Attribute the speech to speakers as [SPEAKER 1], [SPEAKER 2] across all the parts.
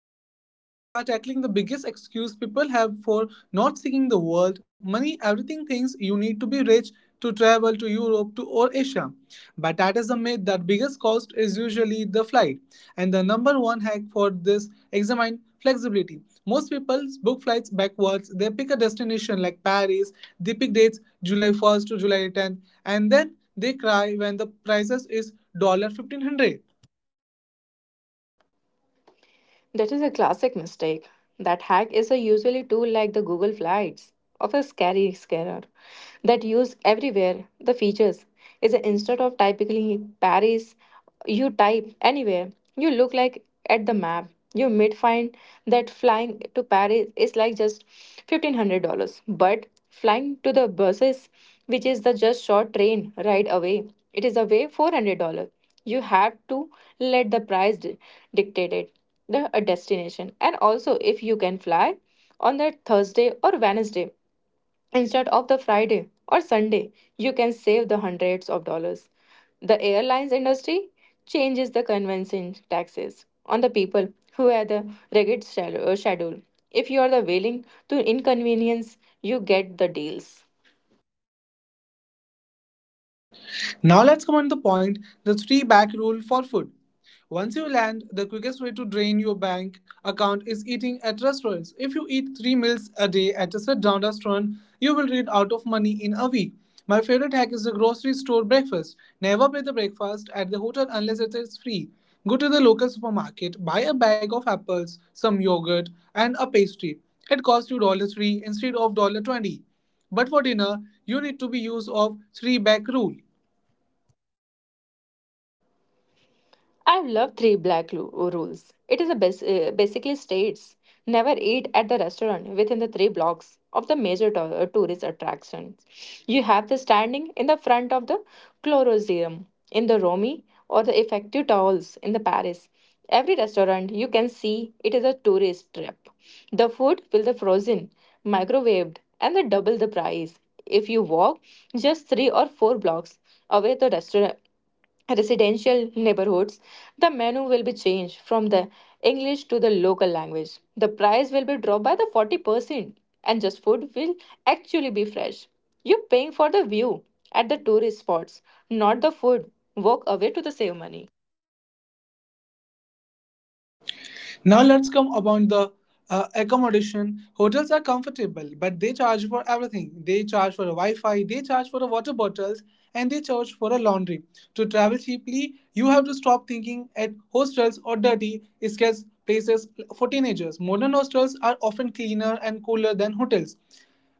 [SPEAKER 1] Nancy. Today, we are tackling the biggest excuse people have for not seeing the world money, everything thinks you need to be rich to travel to Europe to or Asia. But that is a myth that biggest cost is usually the flight. And the number one hack for this examine flexibility. Most people book flights backwards. They pick a destination like Paris, they pick dates July 1st to July 10th, and then they cry when the prices is dollar 1,500 dollars.
[SPEAKER 2] That is a classic mistake. That hack is a usually tool like the Google Flights of a scary scanner that use everywhere the features is instead of typically Paris, you type anywhere. You look like at the map. You might find that flying to Paris is like just $1,500, but flying to the buses, which is the just short train ride away, it is away $400. You have to let the price dictate it the a destination. And also, if you can fly on that Thursday or Wednesday instead of the Friday or Sunday, you can save the hundreds of dollars. The airlines industry changes the convention taxes on the people who have the rigid schedule. If you are the willing to inconvenience, you get the deals.
[SPEAKER 1] Now let's come on the point the three back rule for food. Once you land, the quickest way to drain your bank account is eating at restaurants. If you eat three meals a day at a sit down restaurant, you will run out of money in a week. My favorite hack is the grocery store breakfast. Never pay the breakfast at the hotel unless it is free. Go to the local supermarket, buy a bag of apples, some yogurt, and a pastry. It costs you $1 3 instead of $1 20. But for dinner, you need to be use of three back rule.
[SPEAKER 2] I love three rules. It is a basically states never eat at the restaurant within the three blocks of the major tourist attractions. You have the standing in the front of the Colosseum in the Romy or the effective towels in the Paris. Every restaurant you can see it is a tourist trap. The food will the frozen, microwaved, and the double the price if you walk just three or four blocks away the restaurant residential neighborhoods, the menu will be changed from the English to the local language. The price will be dropped by the 40% and just food will actually be fresh. You're paying for the view at the tourist spots, not the food. Walk away to the save money.
[SPEAKER 1] Now let's come about the accommodation. Hotels are comfortable, but they charge for everything. They charge for a Wi-Fi, they charge for the water bottles, and they charge for a laundry. To travel cheaply, you have to stop thinking at hostels or dirty, scarce places for teenagers. Modern hostels are often cleaner and cooler than hotels.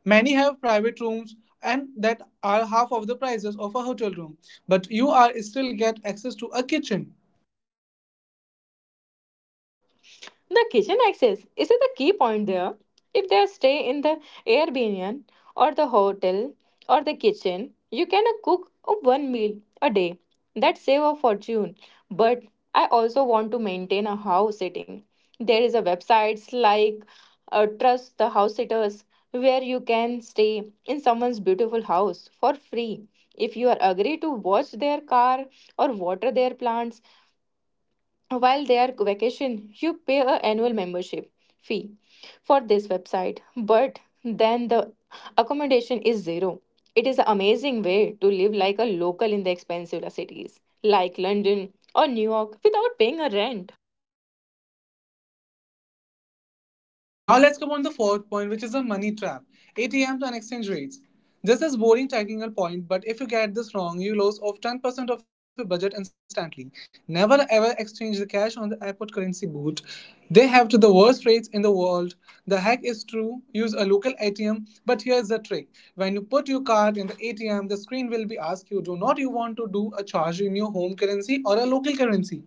[SPEAKER 1] Many have private rooms and that are half of the prices of a hotel room, but you are still get access to a kitchen.
[SPEAKER 2] The kitchen access is the key point there. If they stay in the Airbnb or the hotel or the kitchen, you can cook one meal a day. That save a fortune. But I also want to maintain a house sitting. There is a websites like Trust the House Sitters where you can stay in someone's beautiful house for free. If you are agree to watch their car or water their plants, while they are vacation you pay a annual membership fee for this website but then the accommodation is zero. It is an amazing way to live like a local in the expensive cities like London or New York without paying a rent.
[SPEAKER 1] Now let's come on the fourth point, which is the money trap. ATMs and exchange rates. This is boring technical point, but if you get this wrong, you lose of 10% of your budget instantly. Never ever exchange the cash on the airport currency booth. They have to the worst rates in the world. The hack is true. Use a local ATM, but here is the trick. When you put your card in the ATM, the screen will be asked you do not you want to do a charge in your home currency or a local currency.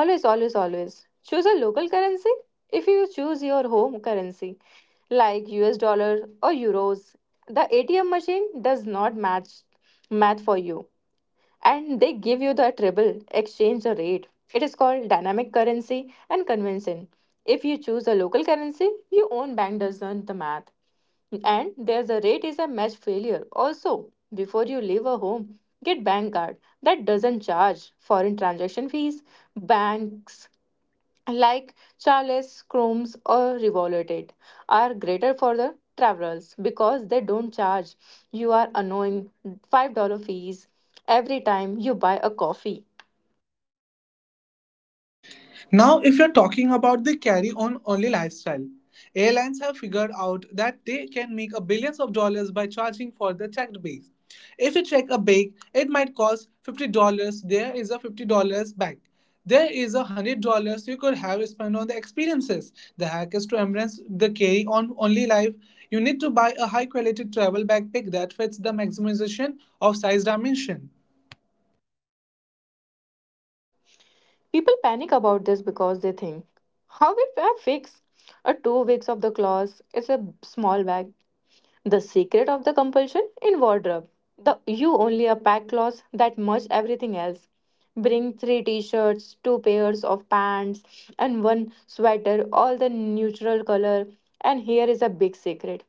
[SPEAKER 2] Always, always, always choose a local currency. If you choose your home currency like US dollar or euros, the ATM machine does not match math for you and they give you the treble exchange rate. It is called dynamic currency and convention. If you choose a local currency, your own bank does not the math. And there's a rate is a match failure. Also, before you leave a home, get bank card that doesn't charge foreign transaction fees, banks like Charles Chromes or Revoluted, are greater for the travelers because they don't charge you are annoying $5 fees every time you buy a coffee.
[SPEAKER 1] Now, if you're talking about the carry on only lifestyle, airlines have figured out that they can make a billions of dollars by charging for the checked bags. If you check a bag, it might cost $50. There is a $50 bag. There is a $100 you could have spent on the experiences. The hack is to embrace the carry on only life. You need to buy a high quality travel backpack that fits the maximization of size dimension.
[SPEAKER 2] People panic about this because they think, how will I fix a 2 weeks of the clause? It's a small bag. The secret of the compulsion in wardrobe. The you only a pack clothes that much everything else. Bring three t-shirts, two pairs of pants, and one sweater, all the neutral color. And here is a big secret.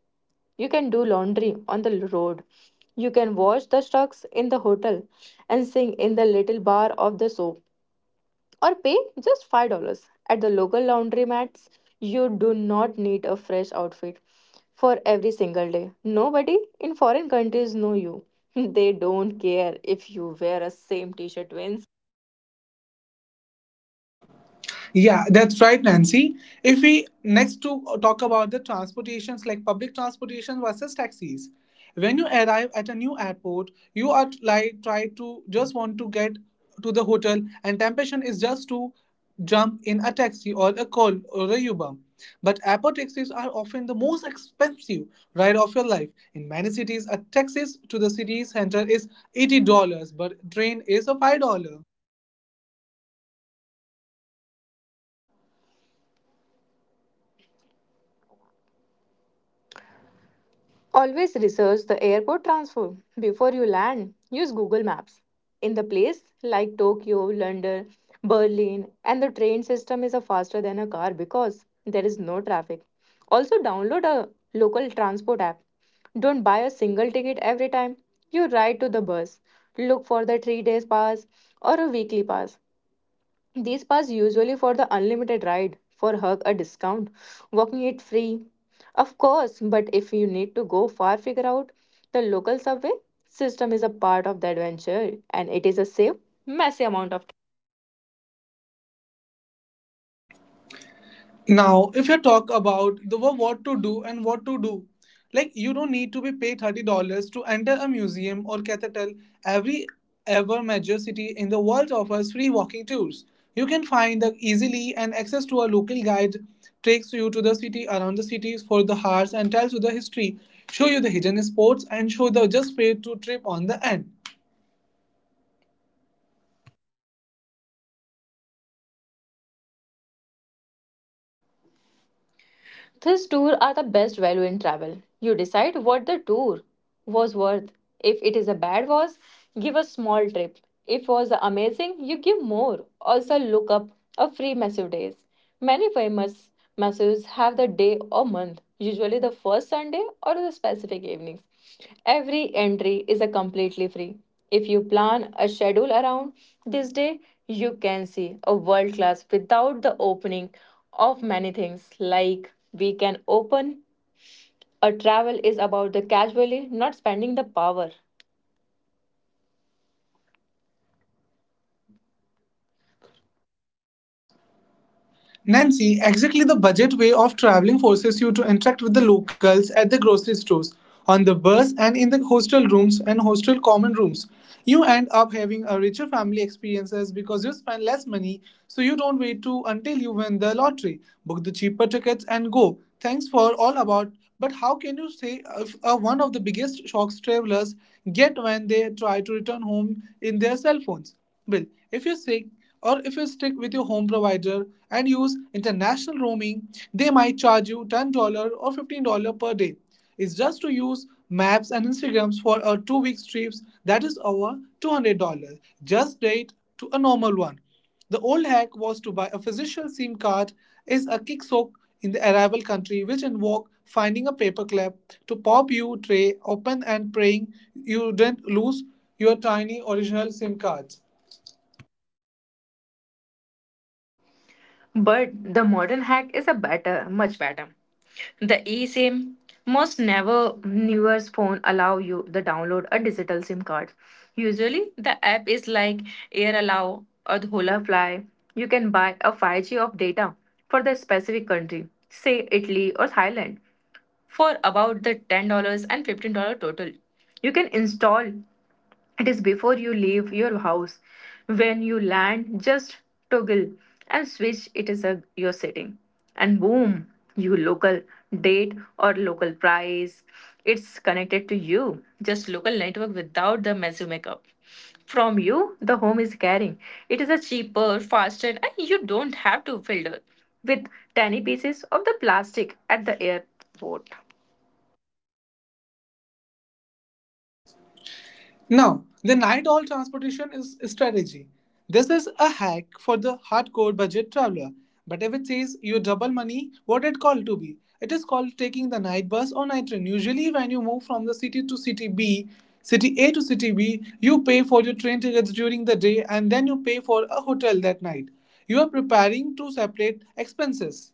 [SPEAKER 2] You can do laundry on the road. You can wash the trucks in the hotel and sing in the little bar of the soap or pay just $5 at the local laundromats. You do not need a fresh outfit for every single day. Nobody in foreign countries know you. They don't care if you wear a same t-shirt.
[SPEAKER 1] Yeah, that's right, Nancy. If we next to talk about the transportations like public transportation versus taxis. When you arrive at a new airport, you are like try to just want to get to the hotel, and temptation is just to jump in a taxi or a call or a Uber. But airport taxis are often the most expensive ride of your life. In many cities, a taxi to the city center is $80, but train is a $5.
[SPEAKER 2] Always research the airport transfer before you land. Use Google Maps. In the place like Tokyo, London, Berlin, and the train system is a faster than a car because there is no traffic. Also download a local transport app. Don't buy a single ticket every time you ride to the bus. Look for the 3 days pass or a weekly pass. These pass usually for the unlimited ride, for hug a discount, walking it free. Of course, but if you need to go far, figure out the local subway system is a part of the adventure and it is a safe, messy amount of.
[SPEAKER 1] Now, if you talk about the what to do and what to do, like you don't need to be paid $30 to enter a museum or cathedral. Every ever major city in the world offers free walking tours. You can find the easily and access to a local guide takes you to the city around the cities for the hours and tells you the history, show you the hidden spots and show the just way to trip on the end.
[SPEAKER 2] This tour are the best value in travel. You decide what the tour was worth. If it is a bad was, give a small trip. If was amazing, you give more. Also look up a free massive days. Many famous massives have the day or month, usually the first Sunday or the specific evenings. Every entry is a completely free. If you plan a schedule around this day, you can see a world class without the opening of many things like we can open a travel is about the casually not spending the power.
[SPEAKER 1] Nancy, exactly the budget way of traveling forces you to interact with the locals at the grocery stores, on the bus, and in the hostel rooms and hostel common rooms. You end up having a richer family experiences because you spend less money, so you don't wait to until you win the lottery, book the cheaper tickets, and go. Thanks for all about. But how can you say if, one of the biggest shocks travelers get when they try to return home in their cell phones? Well, if you stick if you stick with your home provider and use international roaming, they might charge you $10 or $15 per day. It's just to use maps and Instagrams for a 2 week trips that is over $200. Just date to a normal one. The old hack was to buy a physical SIM card is a kick sock in the arrival country which involved finding a paperclip to pop your tray open and praying you didn't lose your tiny original SIM card.
[SPEAKER 2] But the modern hack is a better much better, the eSIM. Most never newest phone allow you the download a digital SIM card, usually the app is like Air Allow or the Hola Fly. You can buy a 5g of data for the specific country say Italy or Thailand for about the $10 and $15 total. You can install it is before you leave your house. When you land, just toggle and switch it is a, your setting. And boom, your local date or local price. It's connected to you. Just local network without the massive makeup. From you, the home is carrying. It is a cheaper, faster, and you don't have to filter with tiny pieces of the plastic at the air vote.
[SPEAKER 1] Now, the night all transportation is a strategy. This is a hack for the hardcore budget traveler. But if it says you double money, what it called to be? It is called taking the night bus or night train. Usually, when you move from the city to city B, city A to city B, you pay for your train tickets during the day and then you pay for a hotel that night. You are preparing to separate expenses.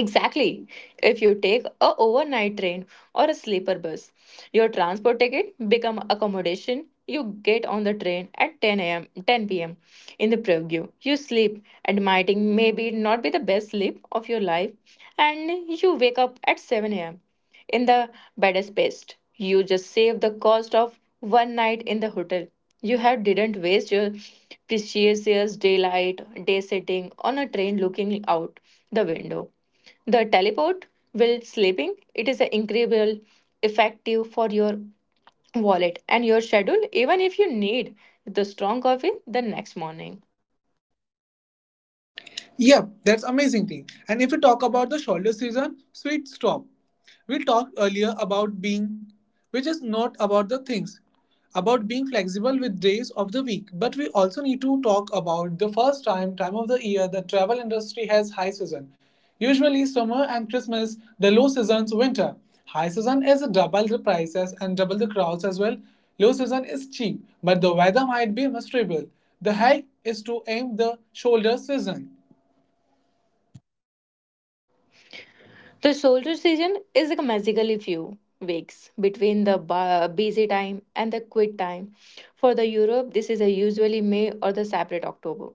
[SPEAKER 2] Exactly. If you take a overnight train or a sleeper bus, your transport ticket become accommodation. You get on the train at 10 a.m. 10 p.m. in the preview. You sleep, admitting maybe not be the best sleep of your life, and you wake up at 7 a.m. in the baddest best. You just save the cost of one night in the hotel. You have didn't waste your precious daylight, day sitting on a train looking out the window. The teleport will sleeping, it is incredible effective for your wallet and your schedule even if you need the strong coffee the next morning.
[SPEAKER 1] Yep, that's amazing thing. And if you talk about the shoulder season, sweet stop. We talked earlier about being, which is not about the things, about being flexible with days of the week. But we also need to talk about the time of the year the travel industry has high season. Usually summer and Christmas, the low season's winter. High season is double the prices and double the crowds as well. Low season is cheap, but the weather might be miserable. The hike is to aim the shoulder season.
[SPEAKER 2] The shoulder season is like magically few weeks between the busy time and the quit time. For the Europe, this is a usually May or the separate October.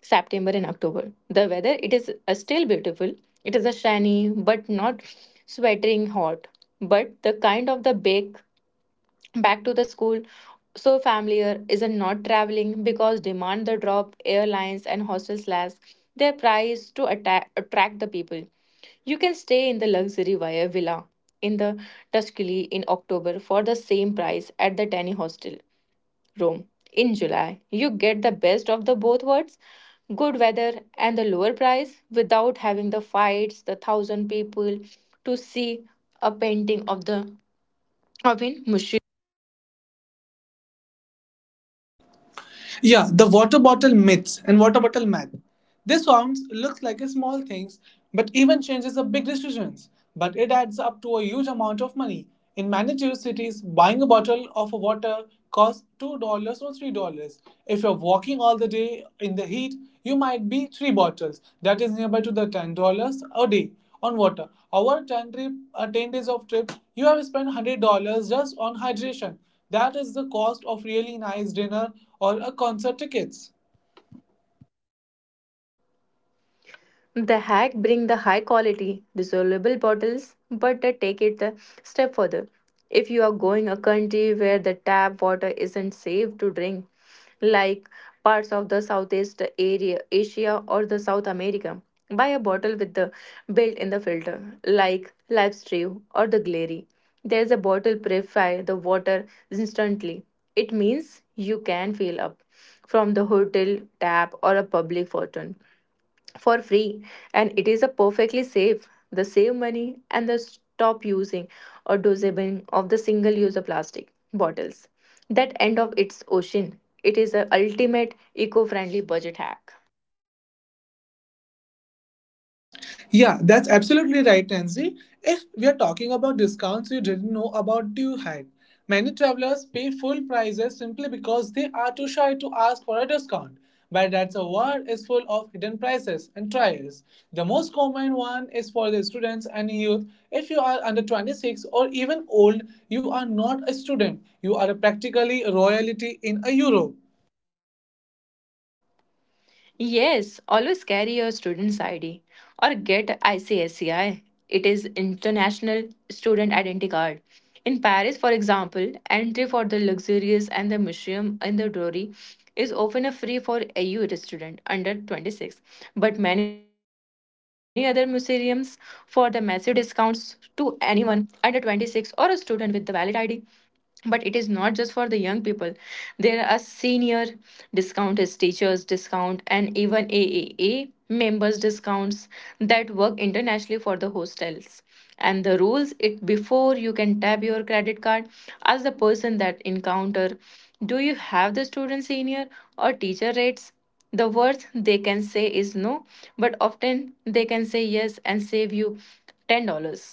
[SPEAKER 2] September and October. The weather it is still beautiful. It is a shiny but not sweltering hot. But the kind of the bake back to the school, so familiar isn't not traveling because demand the drop, airlines and hostels slash their price to attract the people. You can stay in the luxury wire villa in the Tuscany in October for the same price at the tiny hostel, Rome. In July, you get the best of the both worlds, good weather and the lower price without having the fights, the thousand people to see a painting of the of in museum.
[SPEAKER 1] Yeah, the water bottle myths and water bottle math. This sounds looks like a small things, but even changes are big decisions. But it adds up to a huge amount of money. In many tier cities, buying a bottle of water costs $2 or $3. If you're walking all the day in the heat, you might be three bottles. That is nearby to the $10 a day on water. Our 10 days of trip, you have spent $100 just on hydration. That is the cost of really nice dinner or a concert tickets.
[SPEAKER 2] The hack bring the high quality dissolvable bottles, but they take it a step further. If you are going a country where the tap water isn't safe to drink, like parts of the Southeast area, Asia or the South America, buy a bottle with the built-in the filter, like Live or the Glary. There's a bottle purify the water instantly. It means you can fill up from the hotel tap or a public fountain for free and it is a perfectly safe the save money and the stop using or dosing of the single user plastic bottles that end of its ocean. It is a ultimate eco-friendly budget hack.
[SPEAKER 1] Yeah, that's absolutely right, Tansy. If we are talking about discounts you didn't know about you had, many travelers pay full prices simply because they are too shy to ask for a discount. But that's a world is full of hidden prices and trials. The most common one is for the students and youth. If you are under 26 or even old, you are not a student. You are practically royalty in a Europe.
[SPEAKER 2] Yes, always carry your student's ID or get ICSCI. It is International Student Identity Card. In Paris, for example, entry for the luxurious and the museum in the Dory is often a free for AU student under 26, but many other museums for the massive discounts to anyone under 26 or a student with the valid ID. But it is not just for the young people, there are senior discount as teachers discount and even AAA members discounts that work internationally for the hostels and the rules it before you can tap your credit card, ask the person that encounter, do you have the student senior or teacher rates? The worst they can say is no, but often they can say yes and save you $10.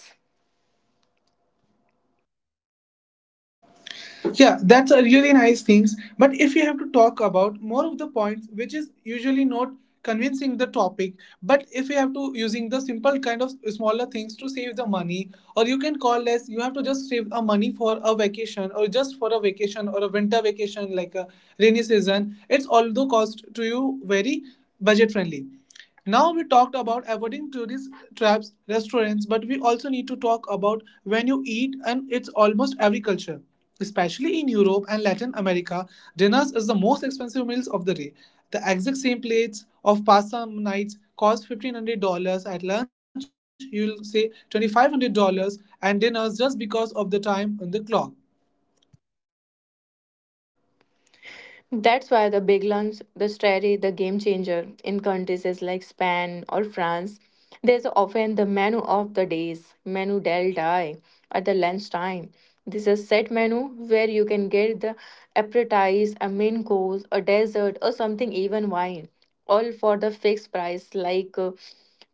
[SPEAKER 1] Yeah, that's a really nice things. But if you have to talk about more of the points, which is usually not convincing the topic, but if you have to using the simple kind of smaller things to save the money, or you can call less, you have to just save a money for a vacation or just for a vacation or a winter vacation like a rainy season. It's although cost to you very budget friendly. Now we talked about avoiding tourist traps, restaurants, but we also need to talk about when you eat and it's almost every culture. Especially in Europe and Latin America, dinners is the most expensive meals of the day. The exact same plates of pasta nights cost $1,500 at lunch, you'll say $2,500 and dinners just because of the time on the clock.
[SPEAKER 2] That's why the big lunch, the strategy, the game changer in countries is like Spain or France. There's often the menu of the days, menu del day, at the lunchtime. This is a set menu where you can get the appetizer, a main course, a dessert, or something even wine, all for the fixed price like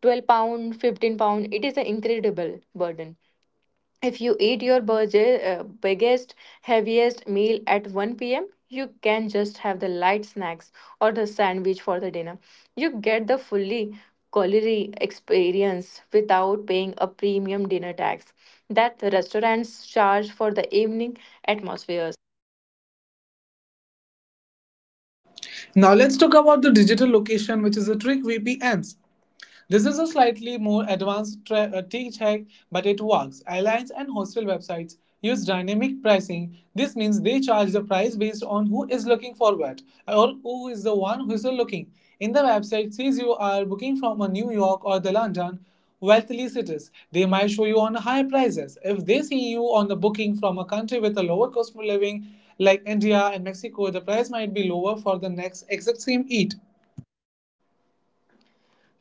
[SPEAKER 2] £12, £15. It is an incredible burden if you eat your budget, biggest, heaviest meal at 1 p.m., you can just have the light snacks or the sandwich for the dinner. You get the fully culinary experience without paying a premium dinner tax that the restaurants charge for the evening atmosphere.
[SPEAKER 1] Now let's talk about the digital location which is a trick VPNs. This is a slightly more advanced tech hack, but it works. Airlines and hostel websites use dynamic pricing. This means they charge the price based on who is looking forward or who is the one who is looking. In the website, says you are booking from a New York or the London wealthy cities, they might show you on higher prices. If they see you on the booking from a country with a lower cost of living, like India and Mexico, the price might be lower for the next exact same eat.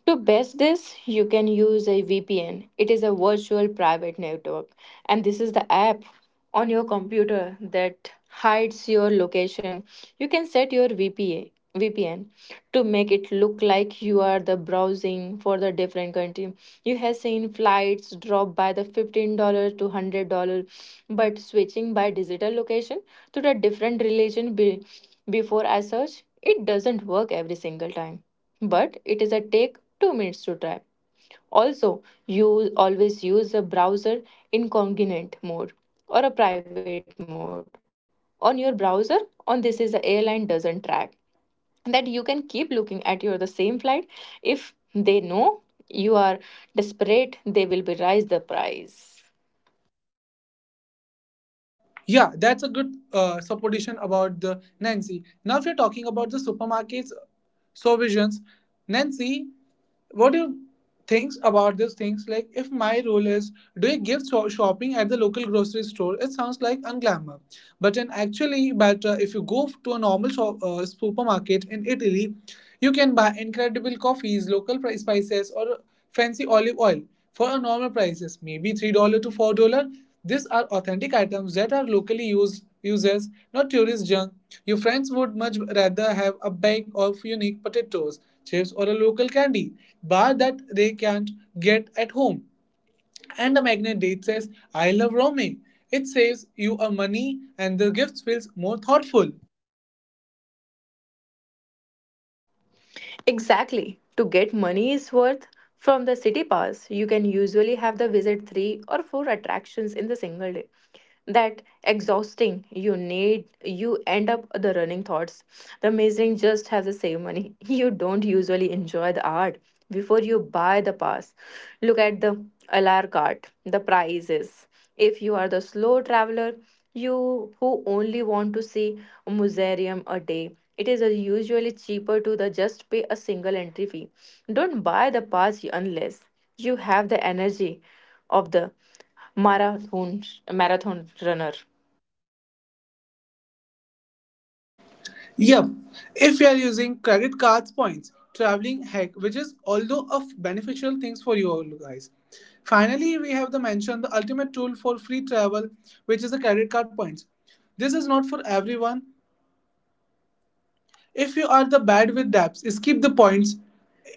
[SPEAKER 2] To best this, you can use a VPN. It is a virtual private network, and this is the app on your computer that hides your location. You can set your VPN to make it look like you are the browsing for the different country. You have seen flights drop by the $15 to $100, but switching by digital location to the different religion be, before I search, it doesn't work every single time but it is a take 2 minutes to type. Also, you always use a browser incognito mode or a private mode on your browser. On this is the airline doesn't track that you can keep looking at your the same flight. If they know you are desperate, they will be raise the price.
[SPEAKER 1] Yeah, that's a good supposition about the Nancy. Now, if you're talking about the supermarkets, supervisions, Nancy, what do you think about these things? Like, if my role is doing gift shopping at the local grocery store, it sounds like unglamour. But in actually, but if you go to a normal shop, supermarket in Italy, you can buy incredible coffees, local spices, or fancy olive oil for a normal prices, maybe $3 to $4 these are authentic items that are locally used uses, not tourist junk. Your friends would much rather have a bag of unique potatoes, chips, or a local candy bar that they can't get at home. And the magnet date says, I love roaming. It saves you a money and the gift feels more thoughtful.
[SPEAKER 2] Exactly. To get money's worth from the city pass, you can usually have the visit 3 or 4 attractions in the single day. That exhausting you need you end up the running thoughts the amazing just has the same money you don't usually enjoy the art before you buy the pass, look at the lr cart the prices. If you are the slow traveler you who only want to see a museum a day, it is usually cheaper to the just pay a single entry fee. Don't buy the pass unless you have the energy of the marathon marathon runner.
[SPEAKER 1] Yep. If you are using credit cards points, traveling heck, which is although of beneficial things for you all guys. Finally, we have the mention the ultimate tool for free travel, which is the credit card points. This is not for everyone. If you are the bad with debts, skip the points.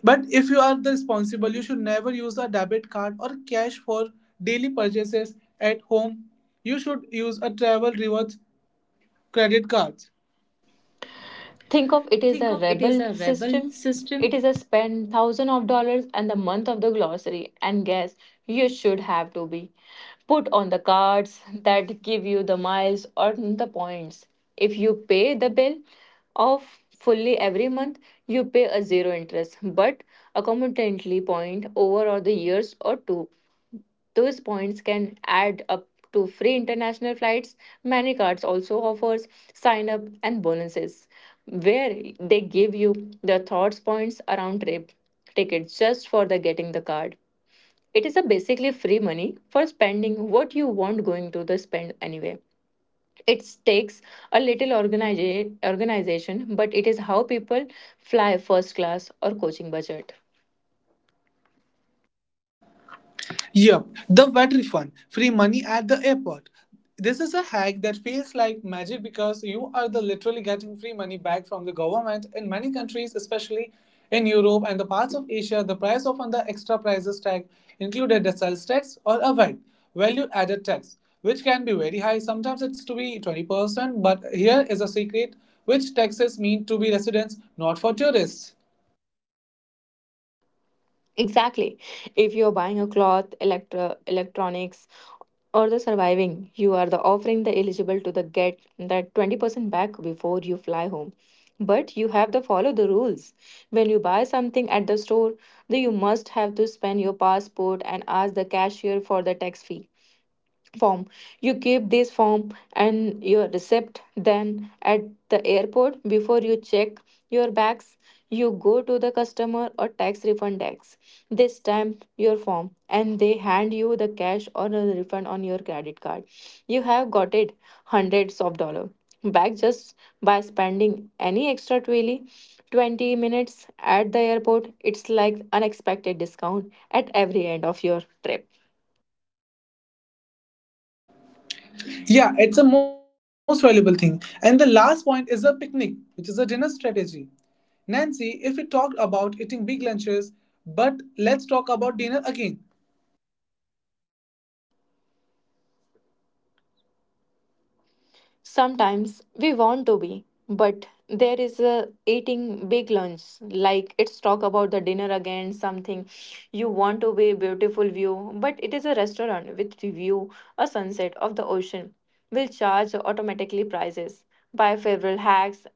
[SPEAKER 1] But if you are the responsible, you should never use a debit card or cash for daily purchases at home. You should use a travel rewards credit cards.
[SPEAKER 2] Think of it as
[SPEAKER 1] Think
[SPEAKER 2] a
[SPEAKER 1] of it as
[SPEAKER 2] rebel
[SPEAKER 1] a rebel
[SPEAKER 2] system.
[SPEAKER 1] system.
[SPEAKER 2] It is a spend thousand of dollars and the month of the glossary and guess you should have to be put on the cards that give you the miles or the points. If you pay the bill of fully every month, you pay a zero interest but accumulatively point over or the years or two. Those points can add up to free international flights. Many cards also offers sign up and bonuses where they give you the thoughts points around trip tickets just for the getting the card. It is a basically free money for spending what you want going to the spend anyway. It takes a little organization, but it is how people fly first class or coaching budget.
[SPEAKER 1] Yup, the VAT refund, free money at the airport. This is a hack that feels like magic because you are the literally getting free money back from the government. In many countries, especially in Europe and the parts of Asia, the price of on the extra prices tag included the sales tax or a VAT, value added tax, which can be very high. Sometimes it's to be 20%, but here is a secret which taxes mean to be residents, not for tourists.
[SPEAKER 2] Exactly. If you're buying a cloth, electronics, or the surviving you are the offering the eligible to the get that 20% back before you fly home, but you have to follow the rules. When you buy something at the store, then you must have to scan your passport and ask the cashier for the tax fee form. You keep this form and your receipt, then at the airport before you check your bags, you go to the customer or tax refund desk. They stamp your form and they hand you the cash or a refund on your credit card. You have got it hundreds of dollar back just by spending any extra 20 minutes at the airport. It's like unexpected discount at every end of your trip.
[SPEAKER 1] Yeah, it's a most valuable thing. And the last point is a picnic, which is a dinner strategy. Nancy, if we talked about eating big lunches, but let's talk about dinner again.
[SPEAKER 2] Sometimes we want to be, but there is a eating big lunch. Like it's talk about the dinner again, something you want to be beautiful view, but it is a restaurant with view, a sunset of the ocean. Will charge automatically prices. Buy favorable hacks.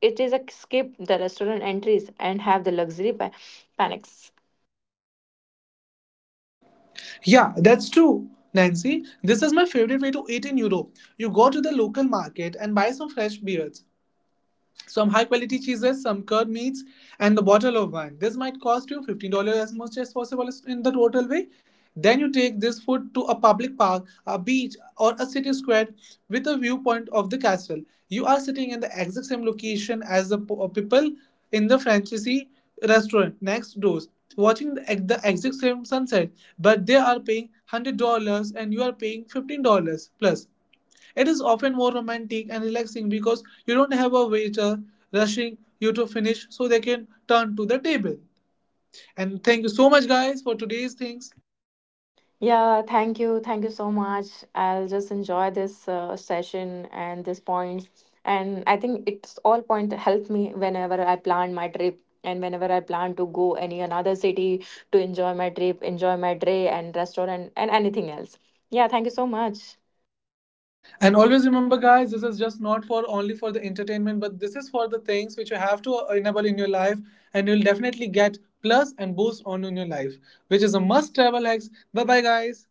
[SPEAKER 2] It is a skip the restaurant entries and have the luxury panics.
[SPEAKER 1] Yeah, that's true. Nancy, this is my favorite way to eat in Europe. You go to the local market and buy some fresh beers, some high quality cheeses, some curd meats, and the bottle of wine. This might cost you $15 as much as possible in the total way. Then you take this food to a public park, a beach, or a city square with a viewpoint of the castle. You are sitting in the exact same location as the people in the franchisee restaurant next door, watching the exact same sunset, but they are paying $100 and you are paying $15 plus. It is often more romantic and relaxing because you don't have a waiter rushing you to finish so they can turn to the table. And thank you so much guys for today's things.
[SPEAKER 2] Yeah, thank you. Thank you so much. I'll just enjoy this session and this point. And I think it's all point to help me whenever I plan my trip and whenever I plan to go any another city to enjoy my trip, enjoy my day and restaurant and anything else. Yeah, thank you so much.
[SPEAKER 1] And always remember guys, this is just not for only for the entertainment, but this is for the things which you have to enable in your life and you'll definitely get plus and boost on in your life, which is a must travel hacks. Bye bye guys.